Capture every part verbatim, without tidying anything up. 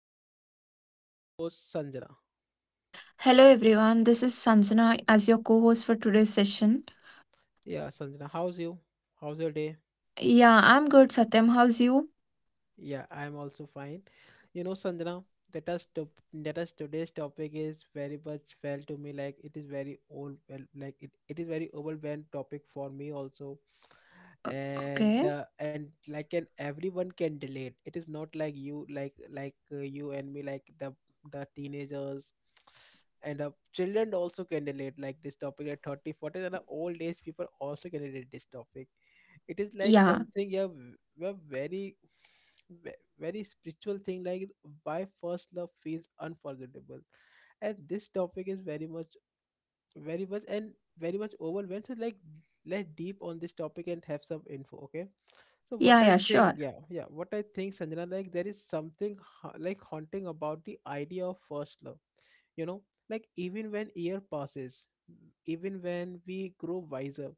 is our co-host Sanjana. Hello everyone, this is Sanjana as your co-host for today's session. Yeah, Sanjana, how's you? How's your day? Yeah, I'm good, Satyam. How's you? Yeah, I'm also fine. You know, Sanjana, that us to, that us today's topic is very much felt to me like it is very old, well, like it, it is very overwhelmed topic for me also, and Okay. the and like and everyone can relate. It is not like you like like uh, you and me, like the the teenagers and the children also can relate like this topic at thirty, forty, and the old age people also can relate this topic. It is like Yeah. something. Yeah, we're very ve- very spiritual thing, like why first love feels unforgettable. And this topic is very much very much and very much overwhelmed so like let deep on this topic and have some info. Okay, so what Yeah, I yeah, think, sure. yeah yeah what i think sanjana like there is something ha- like haunting about the idea of first love, you know like even when year passes, even when we grow wiser,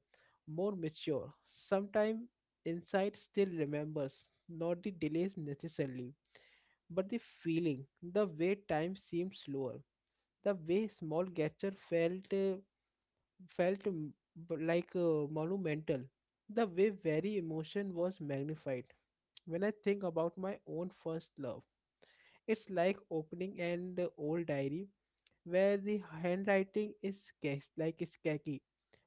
more mature sometime, insight still remembers not the delays necessarily, but the feeling, the way time seemed slower, the way small gesture felt uh, felt m- b- like uh, monumental, the way very emotion was magnified. When I think about my own first love, it's like opening an old diary where the handwriting is sketched like sketchy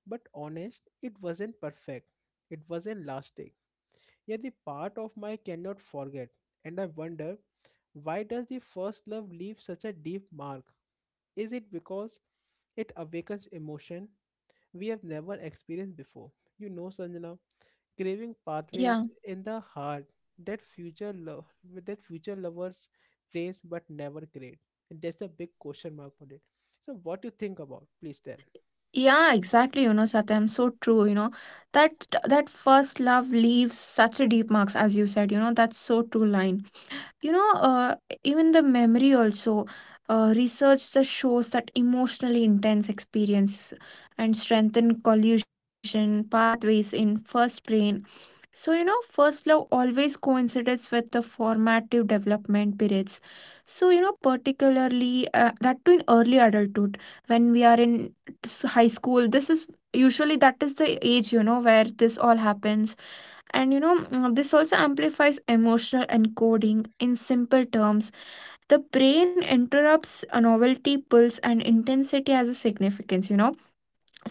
but honest. It wasn't perfect, it wasn't lasting, yet the part of my cannot forget. And I wonder, why does the first love leave such a deep mark? Is it because it awakens emotion we have never experienced before? You know, Sanjana, craving Yeah. pathways in the heart that future love that future lovers raise but never create. And there's a big question mark on it. So what do you think about? Please tell. Yeah, exactly, you know, Satyam, so true, you know. That that first love leaves such a deep marks as you said, you know, that's so true line. You know, uh, Even the memory also, uh, research that shows that emotionally intense experience and strengthen collusion pathways in first brain. So, you know, first love always coincides with the formative development periods. So, you know, particularly uh, that too in early adulthood, when we are in s- high school, this is usually that is the age, you know, where this all happens. And, you know, mm, this also amplifies emotional encoding in simple terms. The brain interrupts a novelty, pulse, and intensity as a significance, you know,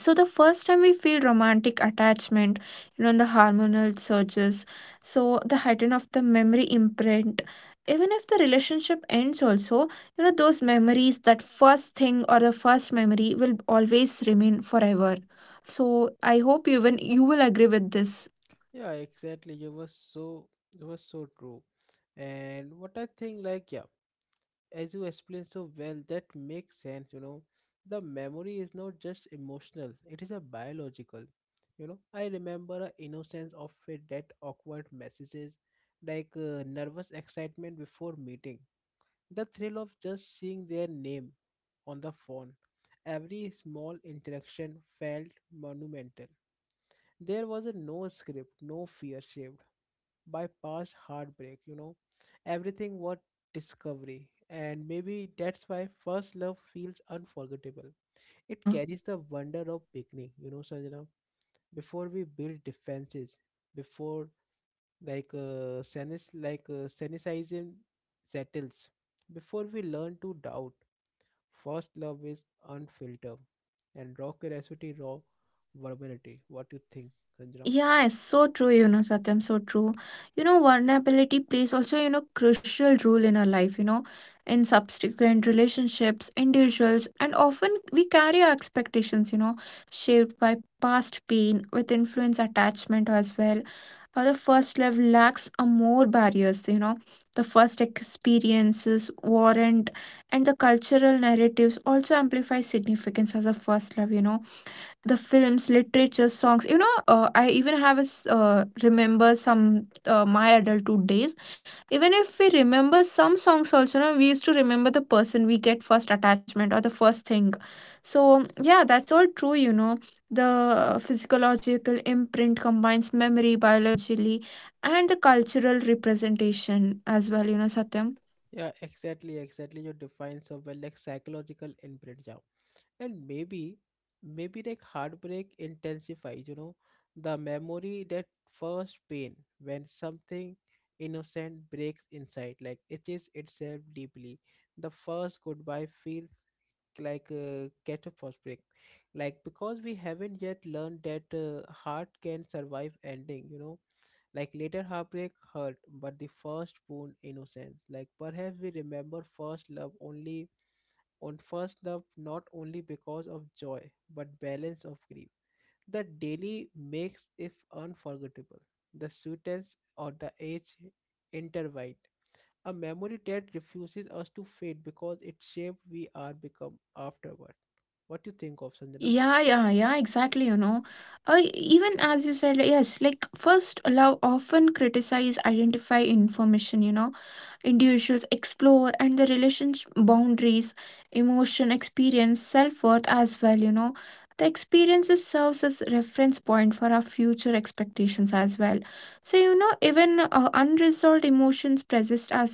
so the first time we feel romantic attachment, you know, in the hormonal surges, so the heighten of the memory imprint, even if the relationship ends also, you know, those memories, that first thing or the first memory will always remain forever. So I hope even you will agree with this. Yeah, exactly. You were so you were so true. And what I think, like, yeah, as you explained so well, that makes sense. You know the memory is not just emotional, it is a biological. you know I remember a innocence of it, that awkward messages, like uh, nervous excitement before meeting, the thrill of just seeing their name on the phone. Every small interaction felt monumental. There was a no script, no fear shape by past heartbreak, you know. Everything was discovery. And maybe that's why first love feels unforgettable. It Yeah. carries the wonder of beginning, you know, Sanjana. Before we build defenses, before like uh, senis like uh, cynicism settles, before we learn to doubt, first love is unfiltered and raw curiosity, raw vulnerability. What do you think, Sanjana? Yeah, it's so true, you know, Satyam, so true. You know, vulnerability plays also, you know, crucial role in our life, you know, in subsequent relationships, individuals, and often we carry our expectations, you know, shaped by past pain with influence attachment as well. How the first love lacks a more barriers, you know, the first experiences warrant and the cultural narratives also amplify significance as a first love, you know, the films, literature, songs. You know, uh, I even have a s- uh, remember some uh, my adulthood days. Even if we remember some songs, also, no, we used to remember the person we get first attachment or the first thing. So yeah, that's all true. You know, the physiological imprint combines memory biologically and the cultural representation as well. You know, Satyam. Yeah, exactly, exactly. You define so well, like psychological imprint. Yeah. And maybe, maybe like heartbreak intensifies, you know, the memory, that first pain when something innocent breaks inside, like itches itself deeply. The first goodbye feels like a catastrophic, like because we haven't yet learned that uh, heart can survive ending, you know Like later heartbreak hurt, but the first wound innocence. Like perhaps we remember first love only on first love not only because of joy, but balance of grief. The daily makes if unforgettable. The sweetness or the age intertwined. A memory that refuses us to fade because it shaped we are become afterward. What do you think of Y- Sanjana? Yeah, yeah, yeah, exactly. You know, uh, even as you said, like, yes, like first love often criticize, identify information, you know, individuals explore and the relationship boundaries, emotion, experience, self worth as well, you know. The experiences serves as reference point for our future expectations as well. So, you know, even uh, unresolved emotions persist as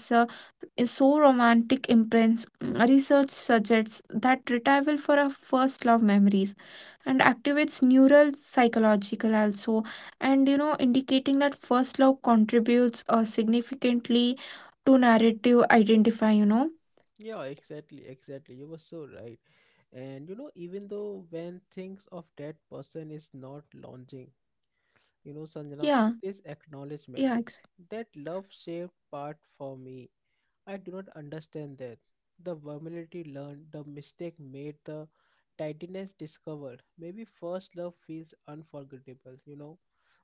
is so romantic imprints. Research suggests that retrieval for our first love memories and activates neural psychological also, and you know, indicating that first love contributes uh, significantly to narrative identify, you know. Yeah, exactly, exactly. You were so right. And you know, even though when things of that person is not launching, you know, Yeah. Sanjana, this yeah ex- acknowledgement, that love shaped part for me, I do not understand that. The vulnerability learned, the mistake made, the tidiness discovered. Maybe first love feels unforgettable, you know,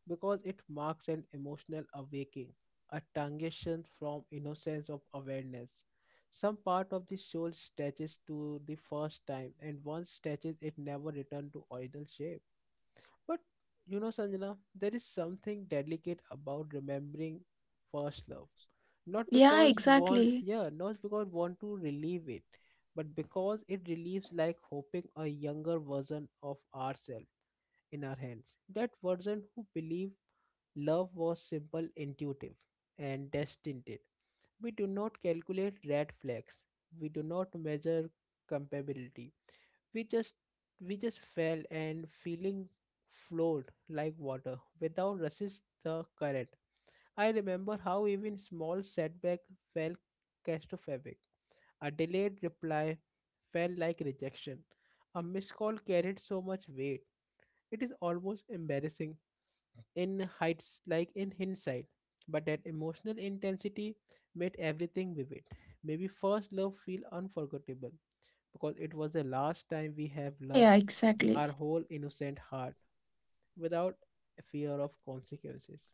because it marks an emotional awakening, a transition from innocence of awareness. Some part of the soul stretches to the first time, and once stretches, it never returns to original shape. But you know, Sanjana, there is something delicate about remembering first love. Not yeah, because want, exactly. yeah, not because want to relieve it, but because it relieves like hoping a younger version of ourselves in our hands. That version who believed love was simple, intuitive, and destined it. We do not calculate red flags. We do not measure compatibility. we just we just fell, and feeling flowed like water without resist the current. I remember how even small setback felt catastrophic. A delayed reply felt like rejection. A missed call carried so much weight. It is almost embarrassing in heights, like in hindsight. But that emotional intensity made everything vivid. Maybe first love feel unforgettable because it was the last time we have Yeah. loved Yeah, exactly. our whole innocent heart without a fear of consequences,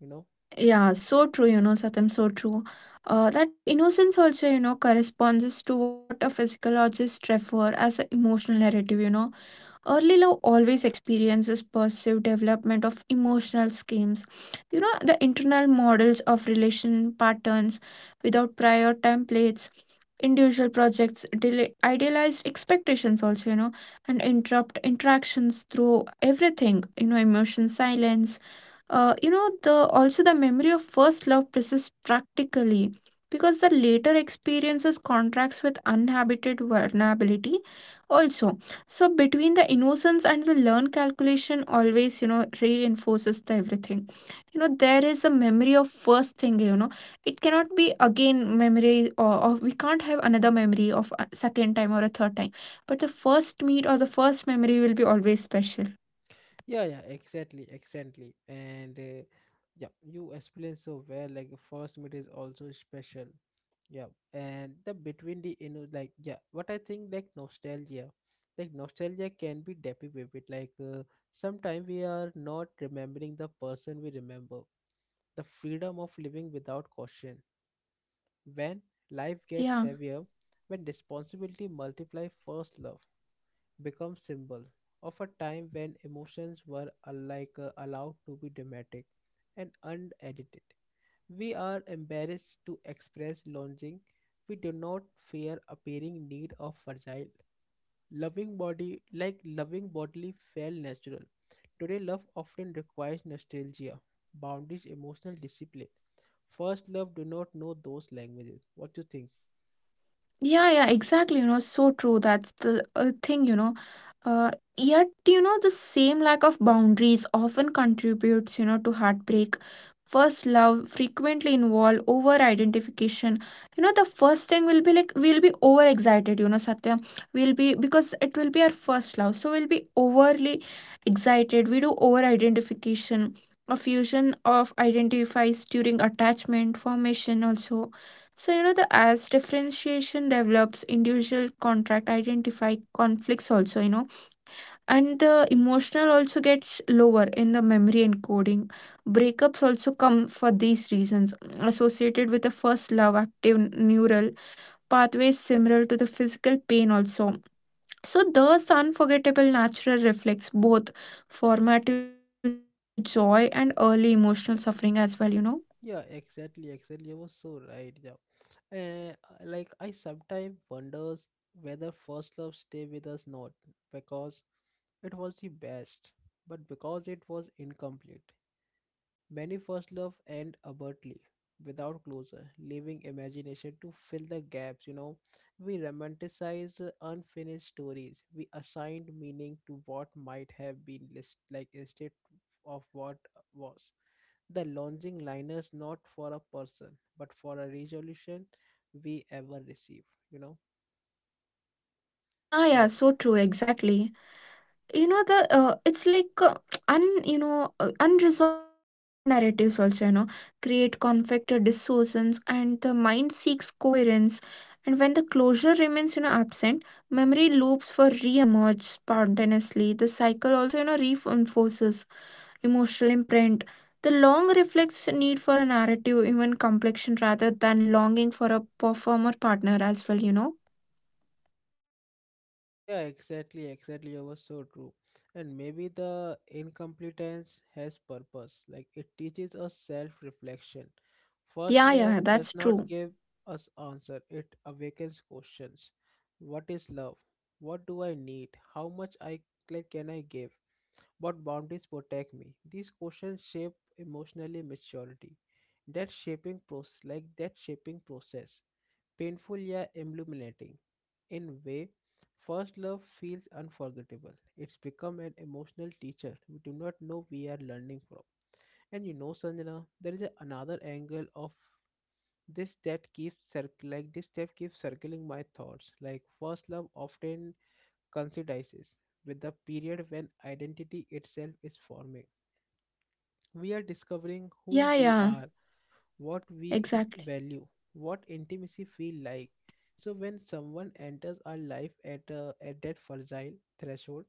you know. Yeah, so true, you know, Satyam, so true. Uh, that innocence also, you know, corresponds to what a physiologist refer as an emotional narrative, you know. Early love always experiences perceived development of emotional schemes. You know, the internal models of relation patterns without prior templates, individual projects, deli- idealized expectations also, you know, and interrupt interactions through everything, you know, emotion silence. Uh, you know, the also the memory of first love persists practically because the later experiences contracts with uninhabited vulnerability also, so between the innocence and the learned calculation always, you know, reinforces the everything. You know, there is a memory of first thing, you know. It cannot be again memory or, or we can't have another memory of a second time or a third time. But the first meet or the first memory will be always special. Yeah, yeah, exactly, exactly. And uh, yeah, you explained so well, like the first meet is also special. Yeah. And the between the, you know, like, yeah, what I think, like, nostalgia, like nostalgia can be deppy with it, like uh, sometimes we are not remembering the person, we remember the freedom of living without caution. When life gets Yeah. heavier, when responsibility multiply, first love becomes symbol of a time when emotions were uh, like uh, allowed to be dramatic and unedited. We are embarrassed to express longing. We do not fear appearing need of fragile. Loving body like loving bodily felt natural. Today love often requires nostalgia, boundaries, emotional discipline. First love do not know those languages. What do you think? Yeah, yeah, exactly. You know, so true. That's the uh, thing, you know. Uh, Yet, you know, the same lack of boundaries often contributes, you know, to heartbreak. First love frequently involve over identification. You know, the first thing will be like we'll be overexcited, you know, Satya. We'll be because it will be our first love. So we'll be overly excited. We do over identification. A fusion of identifies during attachment formation also, so, you know, the as differentiation develops, individual contract identify conflicts also, you know, and the emotional also gets lower in the memory encoding. Breakups also come for these reasons associated with the first love active neural pathways similar to the physical pain also. So, thus, the unforgettable natural reflects both formative joy and early emotional suffering as well, you know. Yeah, exactly, exactly. You were so right. Yeah, uh, like I sometimes wonders whether first love stay with us not because it was the best, but because it was incomplete. Many first love end abruptly, without closure, leaving imagination to fill the gaps. You know, we romanticize uh, unfinished stories. We assigned meaning to what might have been, list like instead of what was. The launching liners not for a person, but for a resolution we ever receive, you know. Yeah, yeah, Eh, so true, exactly. You know the uh, it's like uh, un you know, uh, unresolved narratives also, you know, create conflict, uh, distortions, and the mind seeks coherence, and when the closure remains, you know, absent, memory loops for re-emerge spontaneously. The cycle also, you know, reinforces emotional imprint. The long reflects need for a narrative even complexion rather than longing for a performer partner as well, you know. yeah, exactly, exactly, you were so true. And maybe the incompetence has purpose, like it teaches us self-reflection. First Yeah, love yeah, does that's not true. give us answer, it awakens questions. What is love? What do I need? How much I like can I give? What boundaries protect me? These questions shape emotionally maturity. That shaping process, like that shaping process, painful yet illuminating. In way, first love feels unforgettable. It's become an emotional teacher we do not know we are learning from. And you know, Sanjana, there is a- another angle of this that keeps circ- like this that keeps circling my thoughts. Like first love often coincides with the period when identity itself is forming. We are discovering who Yeah, we yeah, are, what we exactly. value, what intimacy feel like. So when someone enters our life at a, at that fragile threshold,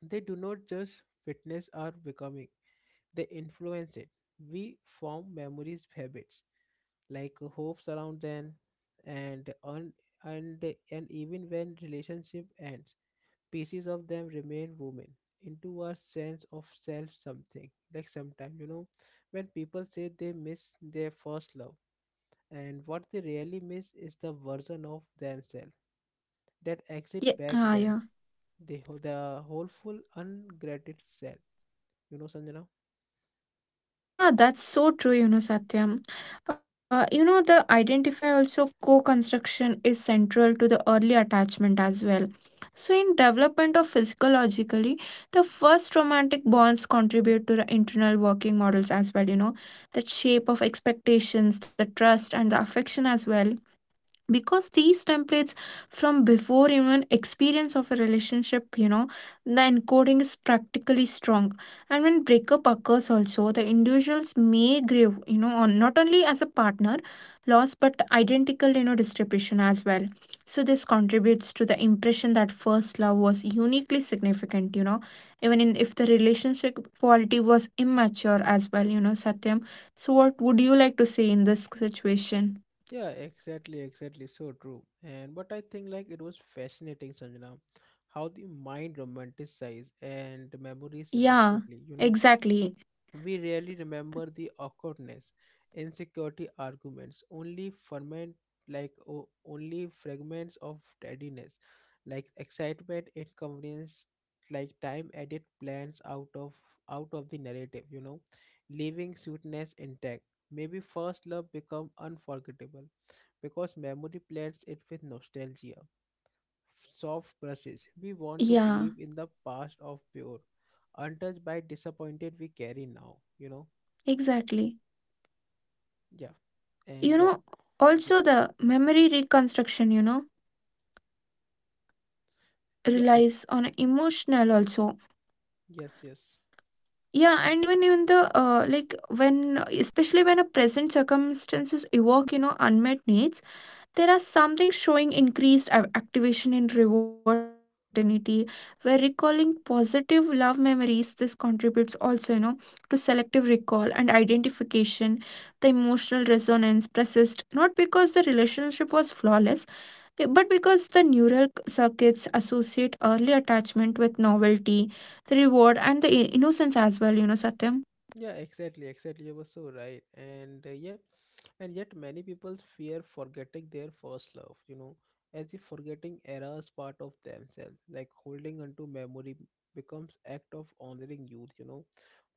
they do not just witness our becoming; they influence it. We form memories, habits like hopes around them, and on and and even when relationship ends, pieces of them remain women into our sense of self, something like sometimes, you know, when people say they miss their first love, and what they really miss is the version of themselves that exit yeah back ah, then, yeah. the ho- the hopeful ungrateful self, you know, Sanjana. Yeah, that's so true, you know, Satyam. Uh, you know, the identify also co construction is central to the early attachment as well. So, in development of physiologically, the first romantic bonds contribute to the internal working models as well, you know, that shape of expectations, the trust, and the affection as well, because these templates from before even experience of a relationship, you know, the encoding is practically strong. And when breakup occurs also, the individuals may grieve, you know, on not only as a partner loss but identical, you know, distribution as well. So this contributes to the impression that first love was uniquely significant, you know, even in if the relationship quality was immature as well, you know, Satyam. So what would you like to say in this situation? Yeah, exactly, exactly, so true. And but I think, like, it was fascinating, Sanjana, how the mind romanticized and memories Yeah, selectively, you know. exactly. We rarely remember the awkwardness, insecurity arguments, only ferment like o- only fragments of tardiness, like excitement, inconvenience, like time added plans out of out of the narrative, you know, leaving sweetness intact. Maybe first love become unforgettable because memory blends it with nostalgia. Soft brushes. We want to believe in Yeah, the past of pure, untouched by disappointed we carry now, you know. exactly. Yeah, and You yeah, know, yeah, also the memory reconstruction, you know, yeah, ex- relies on emotional also. yes, yes, Yeah, and even in the uh, like when especially when a present circumstances evoke, you know, unmet needs, there are something showing increased av- activation in reward certainty, where recalling positive love memories, this contributes also, you know, to selective recall and identification. The emotional resonance persists, not because the relationship was flawless, eh, but because the neural circuits associate early attachment with novelty, the reward, and the i- innocence as well, you know, Satyam. yeah, exactly, exactly. You were so right. And uh, yeah, and yet many people fear forgetting their first love, you know, as if forgetting errors part of themselves, like holding onto memory becomes act of honoring youth, you know,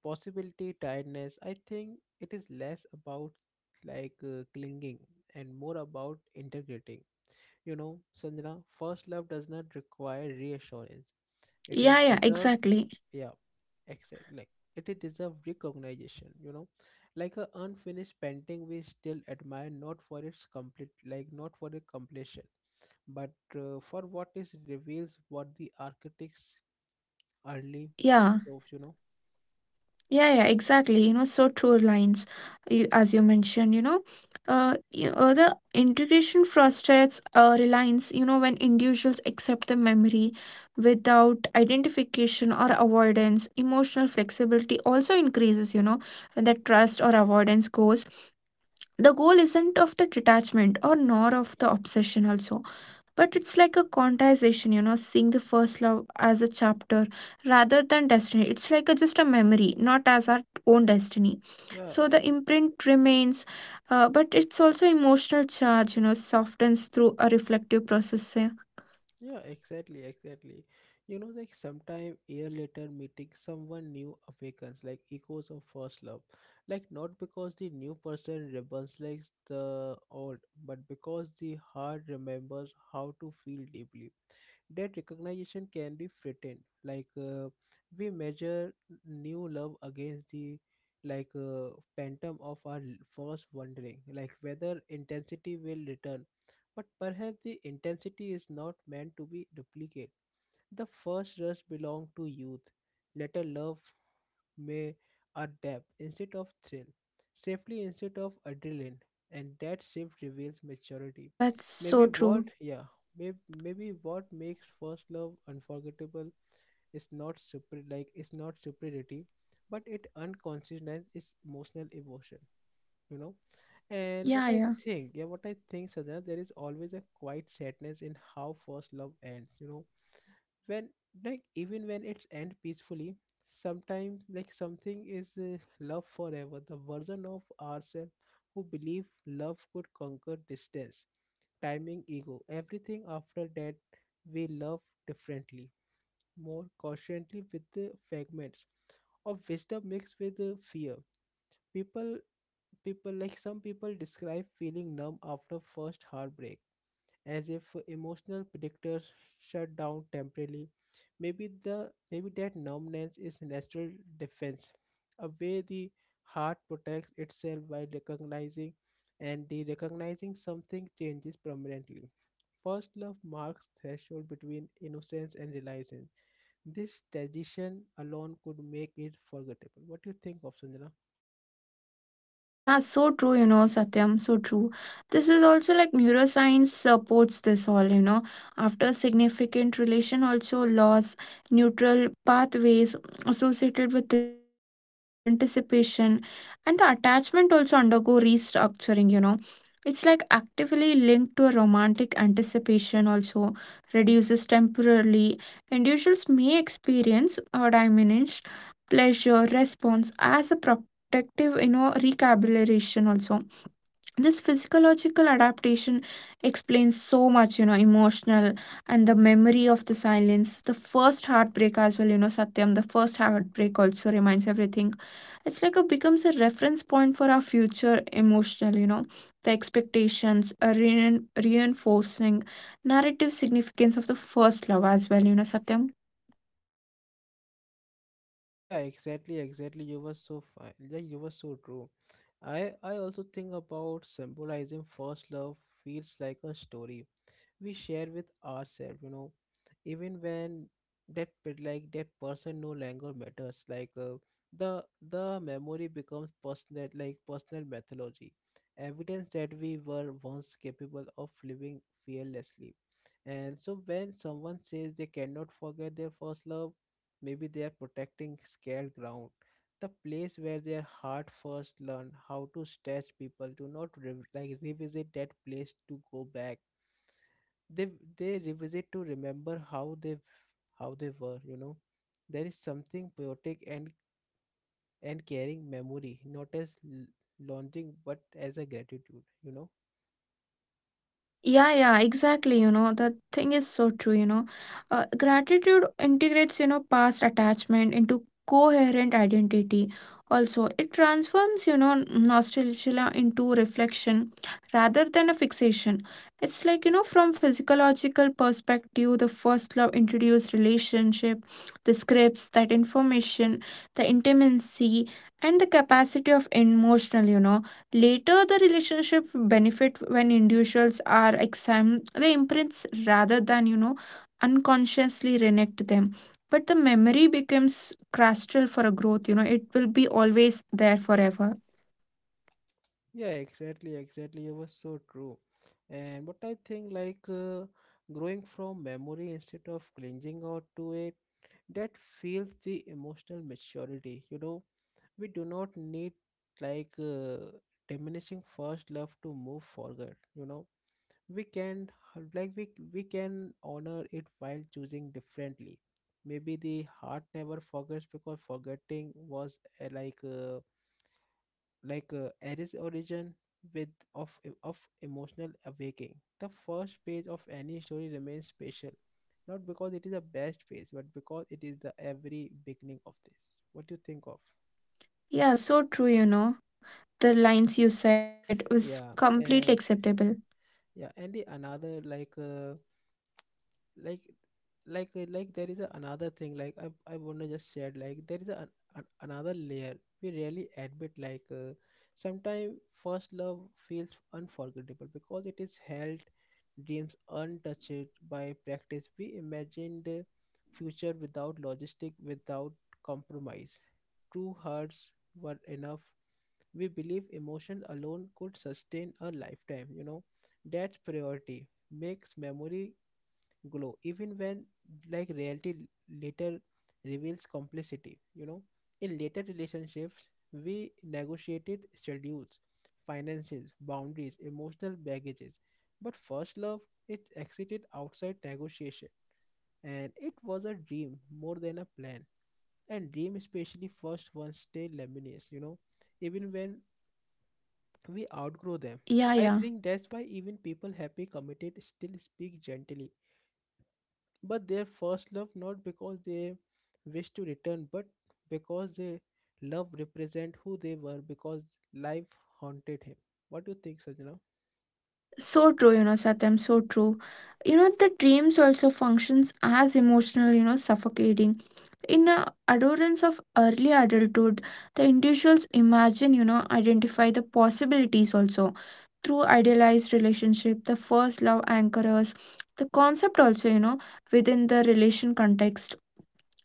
possibility, tiredness. I think it is less about like uh, clinging and more about integrating. You know, Sanjana, first love does not require reassurance. It Yeah, is yeah, deserved. exactly. Yeah, exactly, like it is deserve recognition, you know, like a unfinished painting we still admire not for its complete, like not for the completion, but uh, for what is reveals, what the architects early Yeah. of, you know. Yeah, yeah, exactly. You know, so true lines, you- as you mentioned, you know, uh, you, uh, the integration frustrates uh, reliance, you know, when individuals accept the memory without identification or avoidance, emotional flexibility also increases, you know, when the trust or avoidance goes. The goal isn't of the detachment or nor of the obsession also, but it's like a quantization, you know, seeing the first love as a chapter rather than destiny. It's like a, just a memory, not as our own destiny. Yeah. So the imprint remains, uh, but it's also emotional charge, you know, softens through a reflective process. Eh? Yeah, exactly, exactly. You know, like sometime year later meeting someone new awakens like echoes of first love. Like not because the new person rebels like the old, but because the heart remembers how to feel deeply. That recognition can be threatened, like uh, we measure new love against the, like uh, phantom of our l- first, wondering like whether intensity will return. But perhaps the intensity is not meant to be duplicated. The first rush belonged to youth. Later, love may a depth instead of thrill, safely instead of adrenaline, and that shift reveals Yeah, maturity. yeah, that's Maybe so true. what, yeah, maybe maybe what makes first love unforgettable is not super like is not superiority, but it unconsciousness is emotional emotion. You know. And Yeah, what I yeah. think, yeah, what I think, Sajna, there is always a quiet sadness in how first love ends. You know, when like even when it ends peacefully, sometimes like something is uh, love forever. The version of ourselves who believe love could conquer distance, timing, ego, everything. After that, we love differently, more cautiously, with the fragments of wisdom mixed with uh, fear. People people like some people describe feeling numb after first heartbreak as if emotional predictors shut down temporarily. Maybe the maybe that numbness is natural defense, a way the heart protects itself by recognizing and the recognizing something changes permanently. First love marks threshold between innocence and realization. This transition alone could make it forgettable. What do you think of Sanjana? Yeah, so true, you know, Satyam, so true. This is also like neuroscience supports this all, you know. After significant relation also loss, neutral pathways associated with reward, anticipation, and the attachment also undergo restructuring, you know. It's like actively linked to a romantic anticipation also reduces temporarily. Individuals may experience a diminished pleasure response as a protective, you know, recalibration also. This physiological adaptation explains so much, you know, emotional, and the memory of the silence, the first heartbreak as well, you know, Satyam. The first heartbreak also reminds everything. It's like it becomes a reference point for our future emotional, you know, the expectations, a rein reinforcing narrative significance of the first love as well, you know, Satyam. Yeah, exactly, exactly. You were so fine. Yeah, you were so true. I I also think about symbolizing first love feels like a story we share with ourselves, you know, even when that pe- like that person no longer matters, like uh, the the memory becomes personal, like personal mythology, evidence that we were once capable of living fearlessly. And so when someone says they cannot forget their first love, maybe they are protecting scared ground, the place where their heart first learned how to stretch. People do not rev- like revisit that place to go back, they they revisit to remember how they how they were, you know. There is something poetic and and carrying memory not as l- launching but as a gratitude, you know. Yeah, yeah, exactly. You know, the thing is so true. You know, uh, gratitude integrates, you know, past attachment into coherent identity. Also, it transforms, you know, nostalgia into reflection rather than a fixation. It's like, you know, from physiological perspective, the first love introduced relationship, the scripts, that information, the intimacy, and the capacity of emotional, you know. Later, the relationship benefit when individuals are examine the imprints rather than, you know, unconsciously reenact them. But the memory becomes crystal for a growth. You know, it will be always there forever. Yeah, exactly, exactly, it was so true. And what I think, like uh, growing from memory instead of clinging out to it, that feels the emotional maturity, you know. We do not need, like uh, diminishing first love to move forward, you know. We can, like we, we can honor it while choosing differently. Maybe the heart never forgets because forgetting was uh, like uh, like uh, Aries origin with of eh, of emotional awakening. Yeah, The yeah, first page of any story remains special, not because it is the best page but because it is the every beginning of this. What do you think of? yeah. So true. You know, the lines you said was yeah completely and acceptable. yeah and the another, like uh, like like uh, like there is a another thing, like i i want to just share. Like there is a, an, an- another layer we really admit. Like uh, sometimes first love feels unforgettable because it is held dreams untouched by practice. We imagined a future without logistic, without compromise. True hearts were enough. We believe emotion alone could sustain a lifetime, you know. That's priority makes memory glow even when like reality later reveals complicity, you know. In later relationships we negotiated schedules, finances, boundaries, emotional baggages. But first love, it exited outside negotiation, and it was a dream more than a plan. And dream, especially first ones, stay luminous, you know, even when we outgrow them. Yeah, I yeah. think that's why even people happy committed still speak gently but their first love, not because they wish to return but because they love represent who they were, because life haunted him. What do you think, Sajna? So true. You know, Satyam. So true. You know, the dreams also functions as emotional. You know, suffocating in a adolescence of early adulthood, the individuals imagine, you know, identify the possibilities also through idealized relationship. The first love anchors the concept also, you know, within the relation context.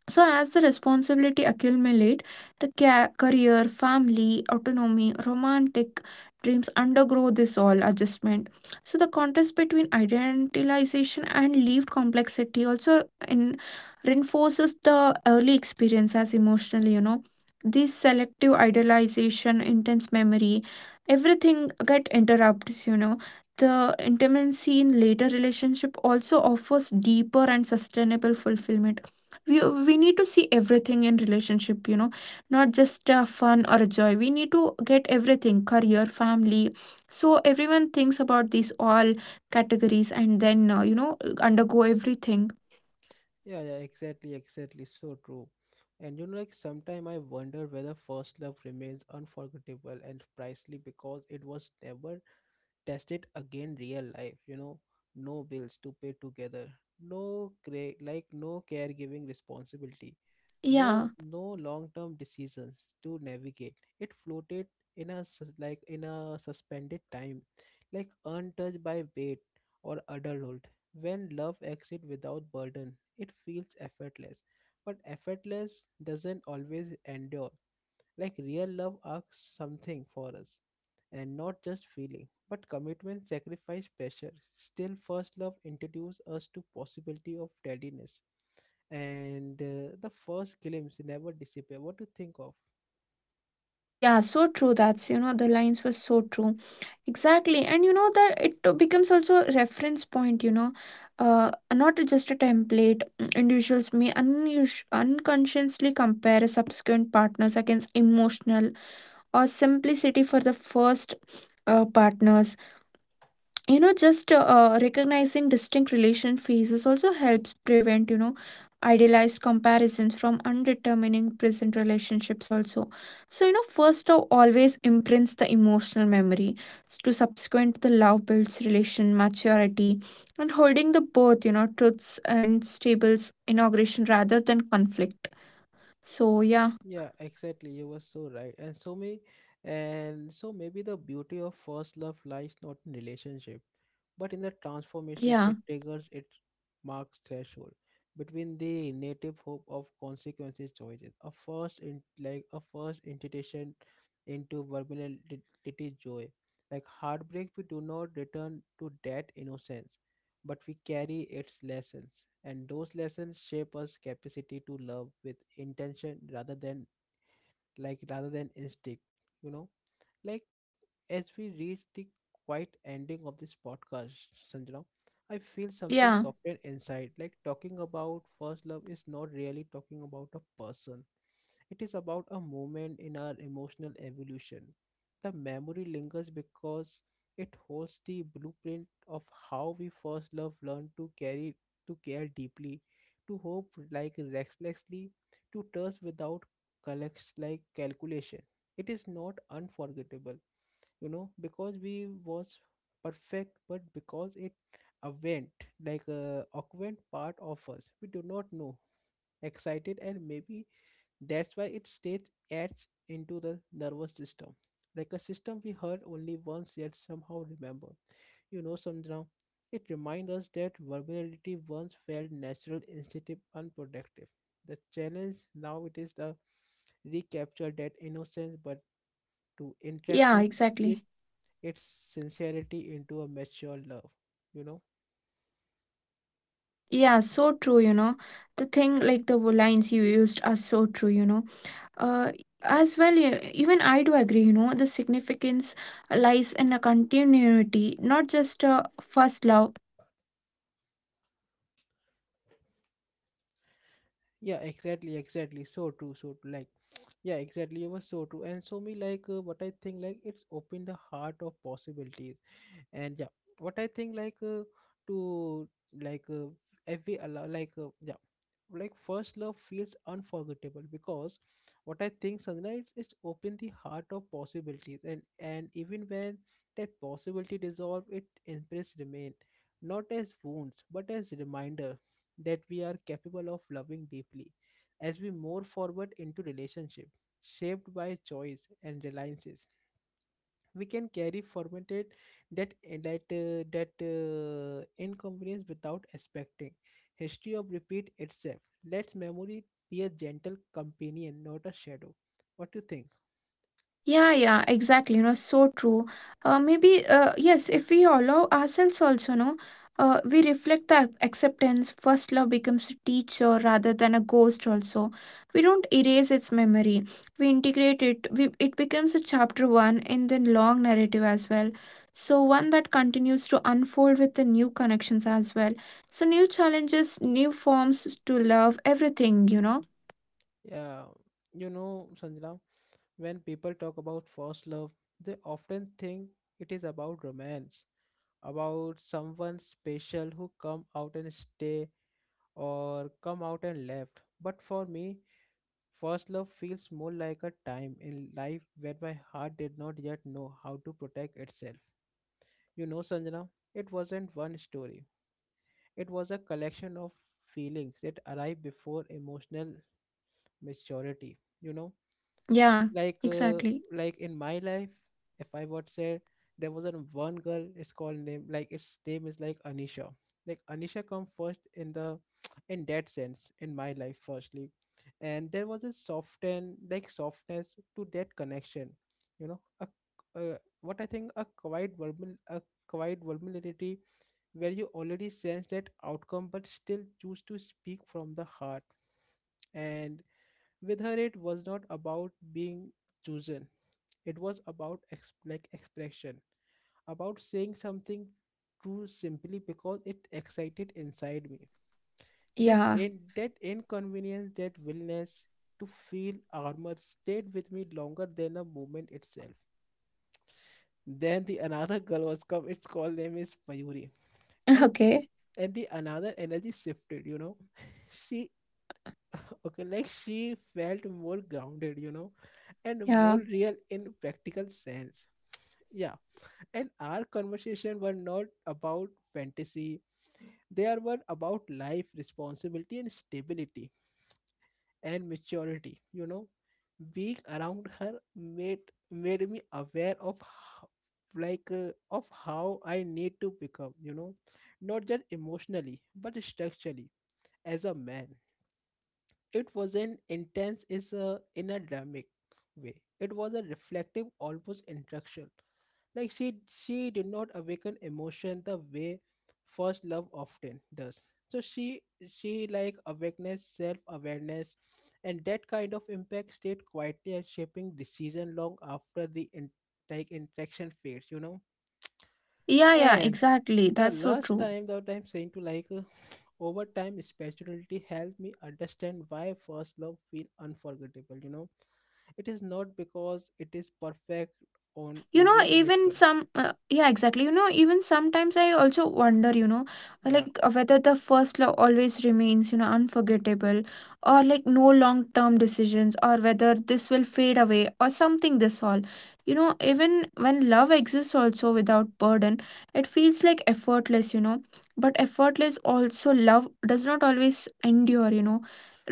So as the responsibility accumulate, the ca- career, family, autonomy, romantic dreams undergo this all adjustment. So the contrast between idealization and lived complexity also in, reinforces the early experience as emotionally, you know. This selective idealization, intense memory, everything get interrupts, you know. The intimacy in later relationship also offers deeper and sustainable fulfillment. We, we need to see everything in relationship, you know, not just uh, fun or joy. We need to get everything, career, family. So everyone thinks about these all categories and then, uh, you know, undergo everything. Yeah, yeah, exactly, exactly, so true. And you know, like sometimes I wonder whether first love remains unforgettable and priceless because it was never tested again real life, you know. No bills to pay together, no cra- like no caregiving responsibility, no Yeah, no long-term decisions to navigate. It floated in a sus- like in a suspended time, like untouched by weight or adulthood. When love exists without burden, it feels effortless. But effortless doesn't always endure. Like real love asks something for us, and not just feeling, but commitment, sacrifice, pressure. Still, first love introduces us to possibility of readiness, and uh, the first glimpse never disappear. What do you think of? yeah, so true. That's you know, the lines were so true. Exactly. And you know that it to- becomes also a reference point, you know. Uh not just a template. Mm, individuals may unus- unconsciously compare subsequent partners against emotional or simplicity for the first uh, partners, you know. Just uh, uh, recognizing distinct relation phases also helps prevent, you know, idealized comparisons from undetermining present relationships also. So, you know, first love always imprints the emotional memory. To subsequent, the love builds relation maturity and holding the both, you know, truths uh, in stables inauguration rather than conflict. So yeah. Yeah, exactly. You were so right. And so may, and so maybe the beauty of first love lies not in relationship but in the transformation Yeah. it triggers. Its marks threshold between the native hope of consequences choices, a first in like a first intuition into vulnerability, joy, like heartbreak. We do not return to that innocence, but we carry its lessons, and those lessons shape us capacity to love with intention rather than like rather than instinct, you know. like as we reach the quiet ending of this podcast, Sanjana, I feel something Yeah. softer inside. Like talking about first love is not really talking about a person. It is about a moment in our emotional evolution. The memory lingers because it holds the blueprint of how we first love learned to carry, to care deeply, to hope like recklessly, to trust without collects like calculation. It is not unforgettable, you know, because we was perfect, but because it a went like a awkward part of us we do not know excited. And maybe that's why it stays etched into the nervous system, like a system we heard only once yet somehow remember, you know. Somehow it reminds us that vulnerability once felt natural, instinctive, unproductive. The challenge now, it is the recapture that innocence but to Yeah, inculcate exactly. its sincerity into a mature love, you know. Yeah, so true, you know. The thing, like the wo- lines you used are so true, you know. Uh, as well, e- even I do agree, you know, the significance lies in a continuity, not just a first love. Yeah, exactly, exactly, so true, so true. like yeah exactly, it was so true. And so me like uh, What I think, like it's opened the heart of possibilities. And yeah, what I think, like uh, to like uh, every allow like uh, yeah like first love feels unforgettable because, what I think, sunlight is open the heart of possibilities. And and even when that possibility dissolve, it impress remain, not as wounds but as reminder that we are capable of loving deeply. As we move forward into relationship shaped by choice and reliances, we can carry formatted that that uh, that uh, inconvenience without expecting history of repeat itself. Let memory be a gentle companion, not a shadow. What do you think? Yeah, yeah, exactly. You know, so true. Uh, maybe, uh, yes, if we allow ourselves also, no, uh, we reflect the ac- acceptance. First love becomes a teacher rather than a ghost. Also, we don't erase its memory. We integrate it. We It becomes a chapter one in the long narrative as well. So one that continues to unfold with the new connections as well. So new challenges, new forms to love, everything. You know. Yeah, you know, Sanjana, when people talk about first love, they often think it is about romance, about someone special who come out and stay, or come out and left. But for me, first love feels more like a time in life where my heart did not yet know how to protect itself. You know, Sanjana, it wasn't one story. It was a collection of feelings that arrived before emotional maturity. You know, Yeah, like uh, exactly. like in my life, if I would say, there was an one girl, it's called name, like its name is like Anisha. Like Anisha come first in the in that sense in my life firstly. And there was a soften, like softness to that connection, you know. A, uh, what I think, a quiet verbal, a quiet vulnerability where you already sense that outcome but still choose to speak from the heart. And with her it was not about being chosen, it was about ex- like expression, about saying something true simply because it excited inside me. That Yeah. In- that inconvenience, that willingness to feel armor, stayed with me longer than a moment itself. Then the another girl was come. Its call name is Mayuri, and Okay. and the another energy shifted. You know, she, okay, like she felt more grounded, you know, and Yeah. more real in practical sense. Yeah, and our conversation were not about fantasy. They are were about life, responsibility, and stability, and maturity, you know. Being around her made made me aware of how, like uh, of how I need to become, you know, not just emotionally but structurally, as a man. It was an intense, is a in a dramatic way, it was a reflective almost introduction. Like she she did not awaken emotion the way first love often does. So she, she like awareness, self awareness, and that kind of impact stayed quietly and shaping decision long after the in, like interaction fades. You know, Yeah, yeah, and exactly. the That's so last true. time that I'm saying to, like uh, over time spirituality helped me understand why first love feel unforgettable. You know, it is not because it is perfect Yeah, yeah. on You know, even even ritual. some, uh, yeah, exactly. You know, even sometimes I also wonder, you know, Yeah. like uh, whether the first love always remains, you know, unforgettable, or like no long term decisions, or whether this will fade away or something this all. You know, even when love exists also without burden, it feels like effortless, you know. But effortless also love does not always endure, you know.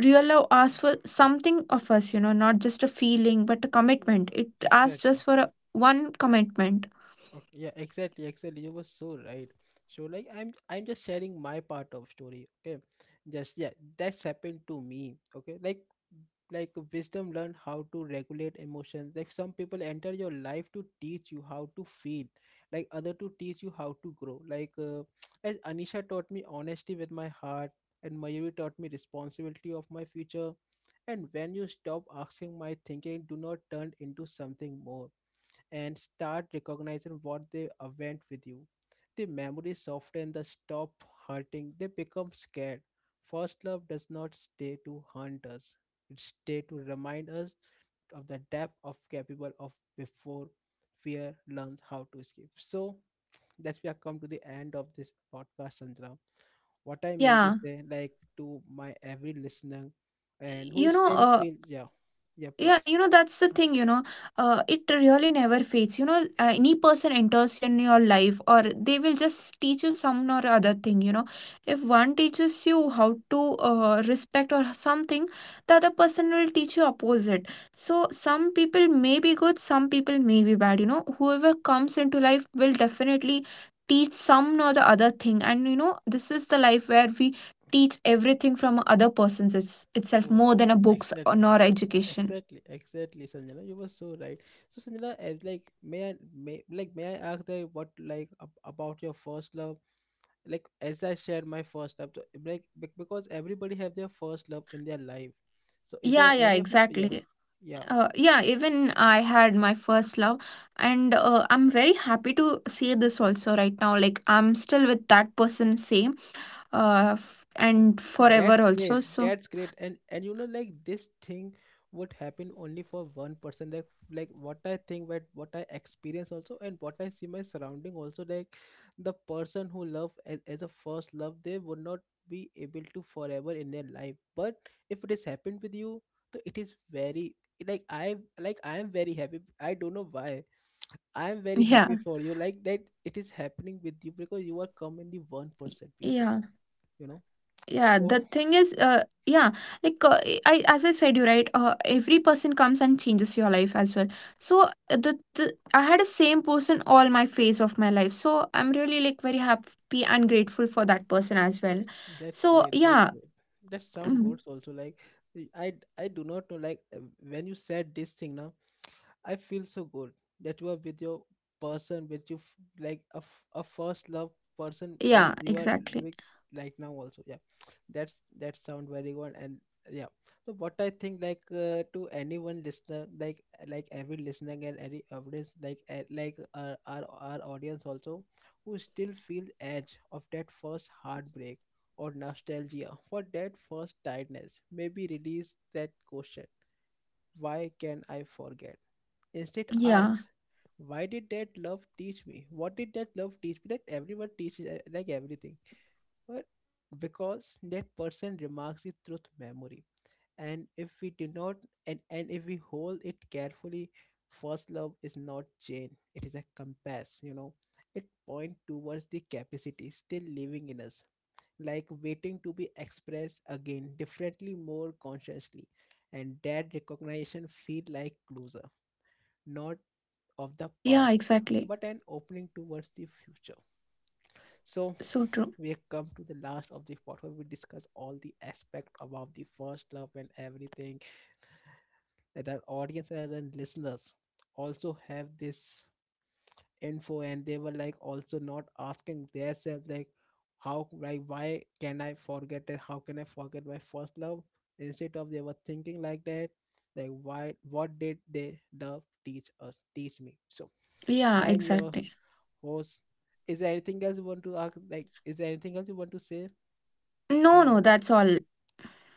Real love asks for something of us, you know, not just a feeling but a Yeah, commitment. It asks just exactly. for a one commitment. Okay, yeah, exactly, exactly, you were so right. So like I'm I'm just sharing my part of story, okay? Just yeah, that's happened to me, okay. Like like wisdom learn how to regulate emotions. Like some people enter your life to teach you how to feel, like other to teach you how to grow. Like uh, as Anisha taught me honesty with my heart and Mayuri taught me responsibility of my future. And when you stop asking my thinking, do not turn into something more, and start recognizing what they uh, went with you, the memory soften, the stop hurting, they become scared. First love does not stay to haunt us. It stay to remind us of the depth of capable of before fear learns how to escape. So that's, we have come to the end of this podcast, Sandra. What I mean to Yeah. say, like to my every listener and who you know still uh, feels, yeah, yeah, Yeah, please. you know, that's the thing, you know. Uh, it really never fades. You know, uh, any person enters in your life, or they will just teach you some or other thing, you know. If one teaches you how to uh, respect or something, the other person will teach you opposite. So some people may be good, some people may be bad, you know. Whoever comes into life will definitely teach some or the other thing. And, you know, this is the life where we teach everything from other person's it's, itself, Oh, more than a books or exactly. nor education. Exactly, exactly, Sanjana, you were so right. So, Sanjana, eh, like, may I, may, like, may I ask that what, like, ab about your first love? Like, as I shared my first love, so, eh, like, bec- because everybody have their first love in their life. So, is Yeah, there yeah, any of your, f- yeah, exactly. yeah. Uh, yeah, even I had my first love, and uh, I'm very happy to say this also right now. Like I'm still with that person, same, uh, f- Oh, and forever that's also. great, So that's great. And and you know, like this thing would happen only for one person. Like like what I think, but what I experience also, and what I see my surrounding also. Like the person who love as, as a first love, they would not be able to forever in their life. But if it has happened with you, so it is very like I like I am very happy, I don't know why. I am very yeah, happy for you. Like that it is happening with you because you are commonly one yeah, percent people, you know. yeah. The thing So is, uh, yeah, like uh, I I- as I said, you right. Uh, every person comes and changes your life as well. So uh, the, the I had the same person all my phase of my life. So I'm really like very happy and grateful for that person as well. that's So great, that's yeah. great. That sound Mhm. good also. Like I I do not know, like uh, when you said this thing now, I feel so good that you are with your person, with you f- like a, f- a first love person, and Yeah, you are exactly. with, like, now also. Yeah, that's, that sound very good. And yeah, so what I think, like uh, to anyone listener, like like every listener and every audience, like uh, like our, our our audience also, who still feel edge of that first heartbreak or nostalgia for that first tiredness, maybe release that question. Why can I forget? Instead, Yeah. ask, why did that love teach me? What did that love teach me? That everyone teaches uh, like everything, but because that person remarks it through memory, and if we do not, and and if we hold it carefully, first love is not chain; it is a compass. You know, it point towards the capacity still living in us, like waiting to be expressed again, differently, more consciously. And that recognition feel like closer, not of the Yeah, past, exactly. but an opening towards the future. So So true. we have come to the last of the part where we discuss all the aspect about the first love and everything, that our audience and our listeners also have this info, and they were like also not asking themselves like, how like why can I forget it? How can I forget my first love? Instead of they were thinking like that, like why, what did they love teach us, teach me? So Yeah, I'm your exactly. Horse. Is there anything else you want to ask? Like, is there anything else you want to say, No, no, Sanjana? that's all.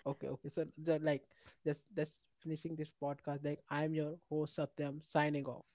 Okay, okay. So, the, like, just just finishing this podcast. Like, I'm your host Satyam, signing off.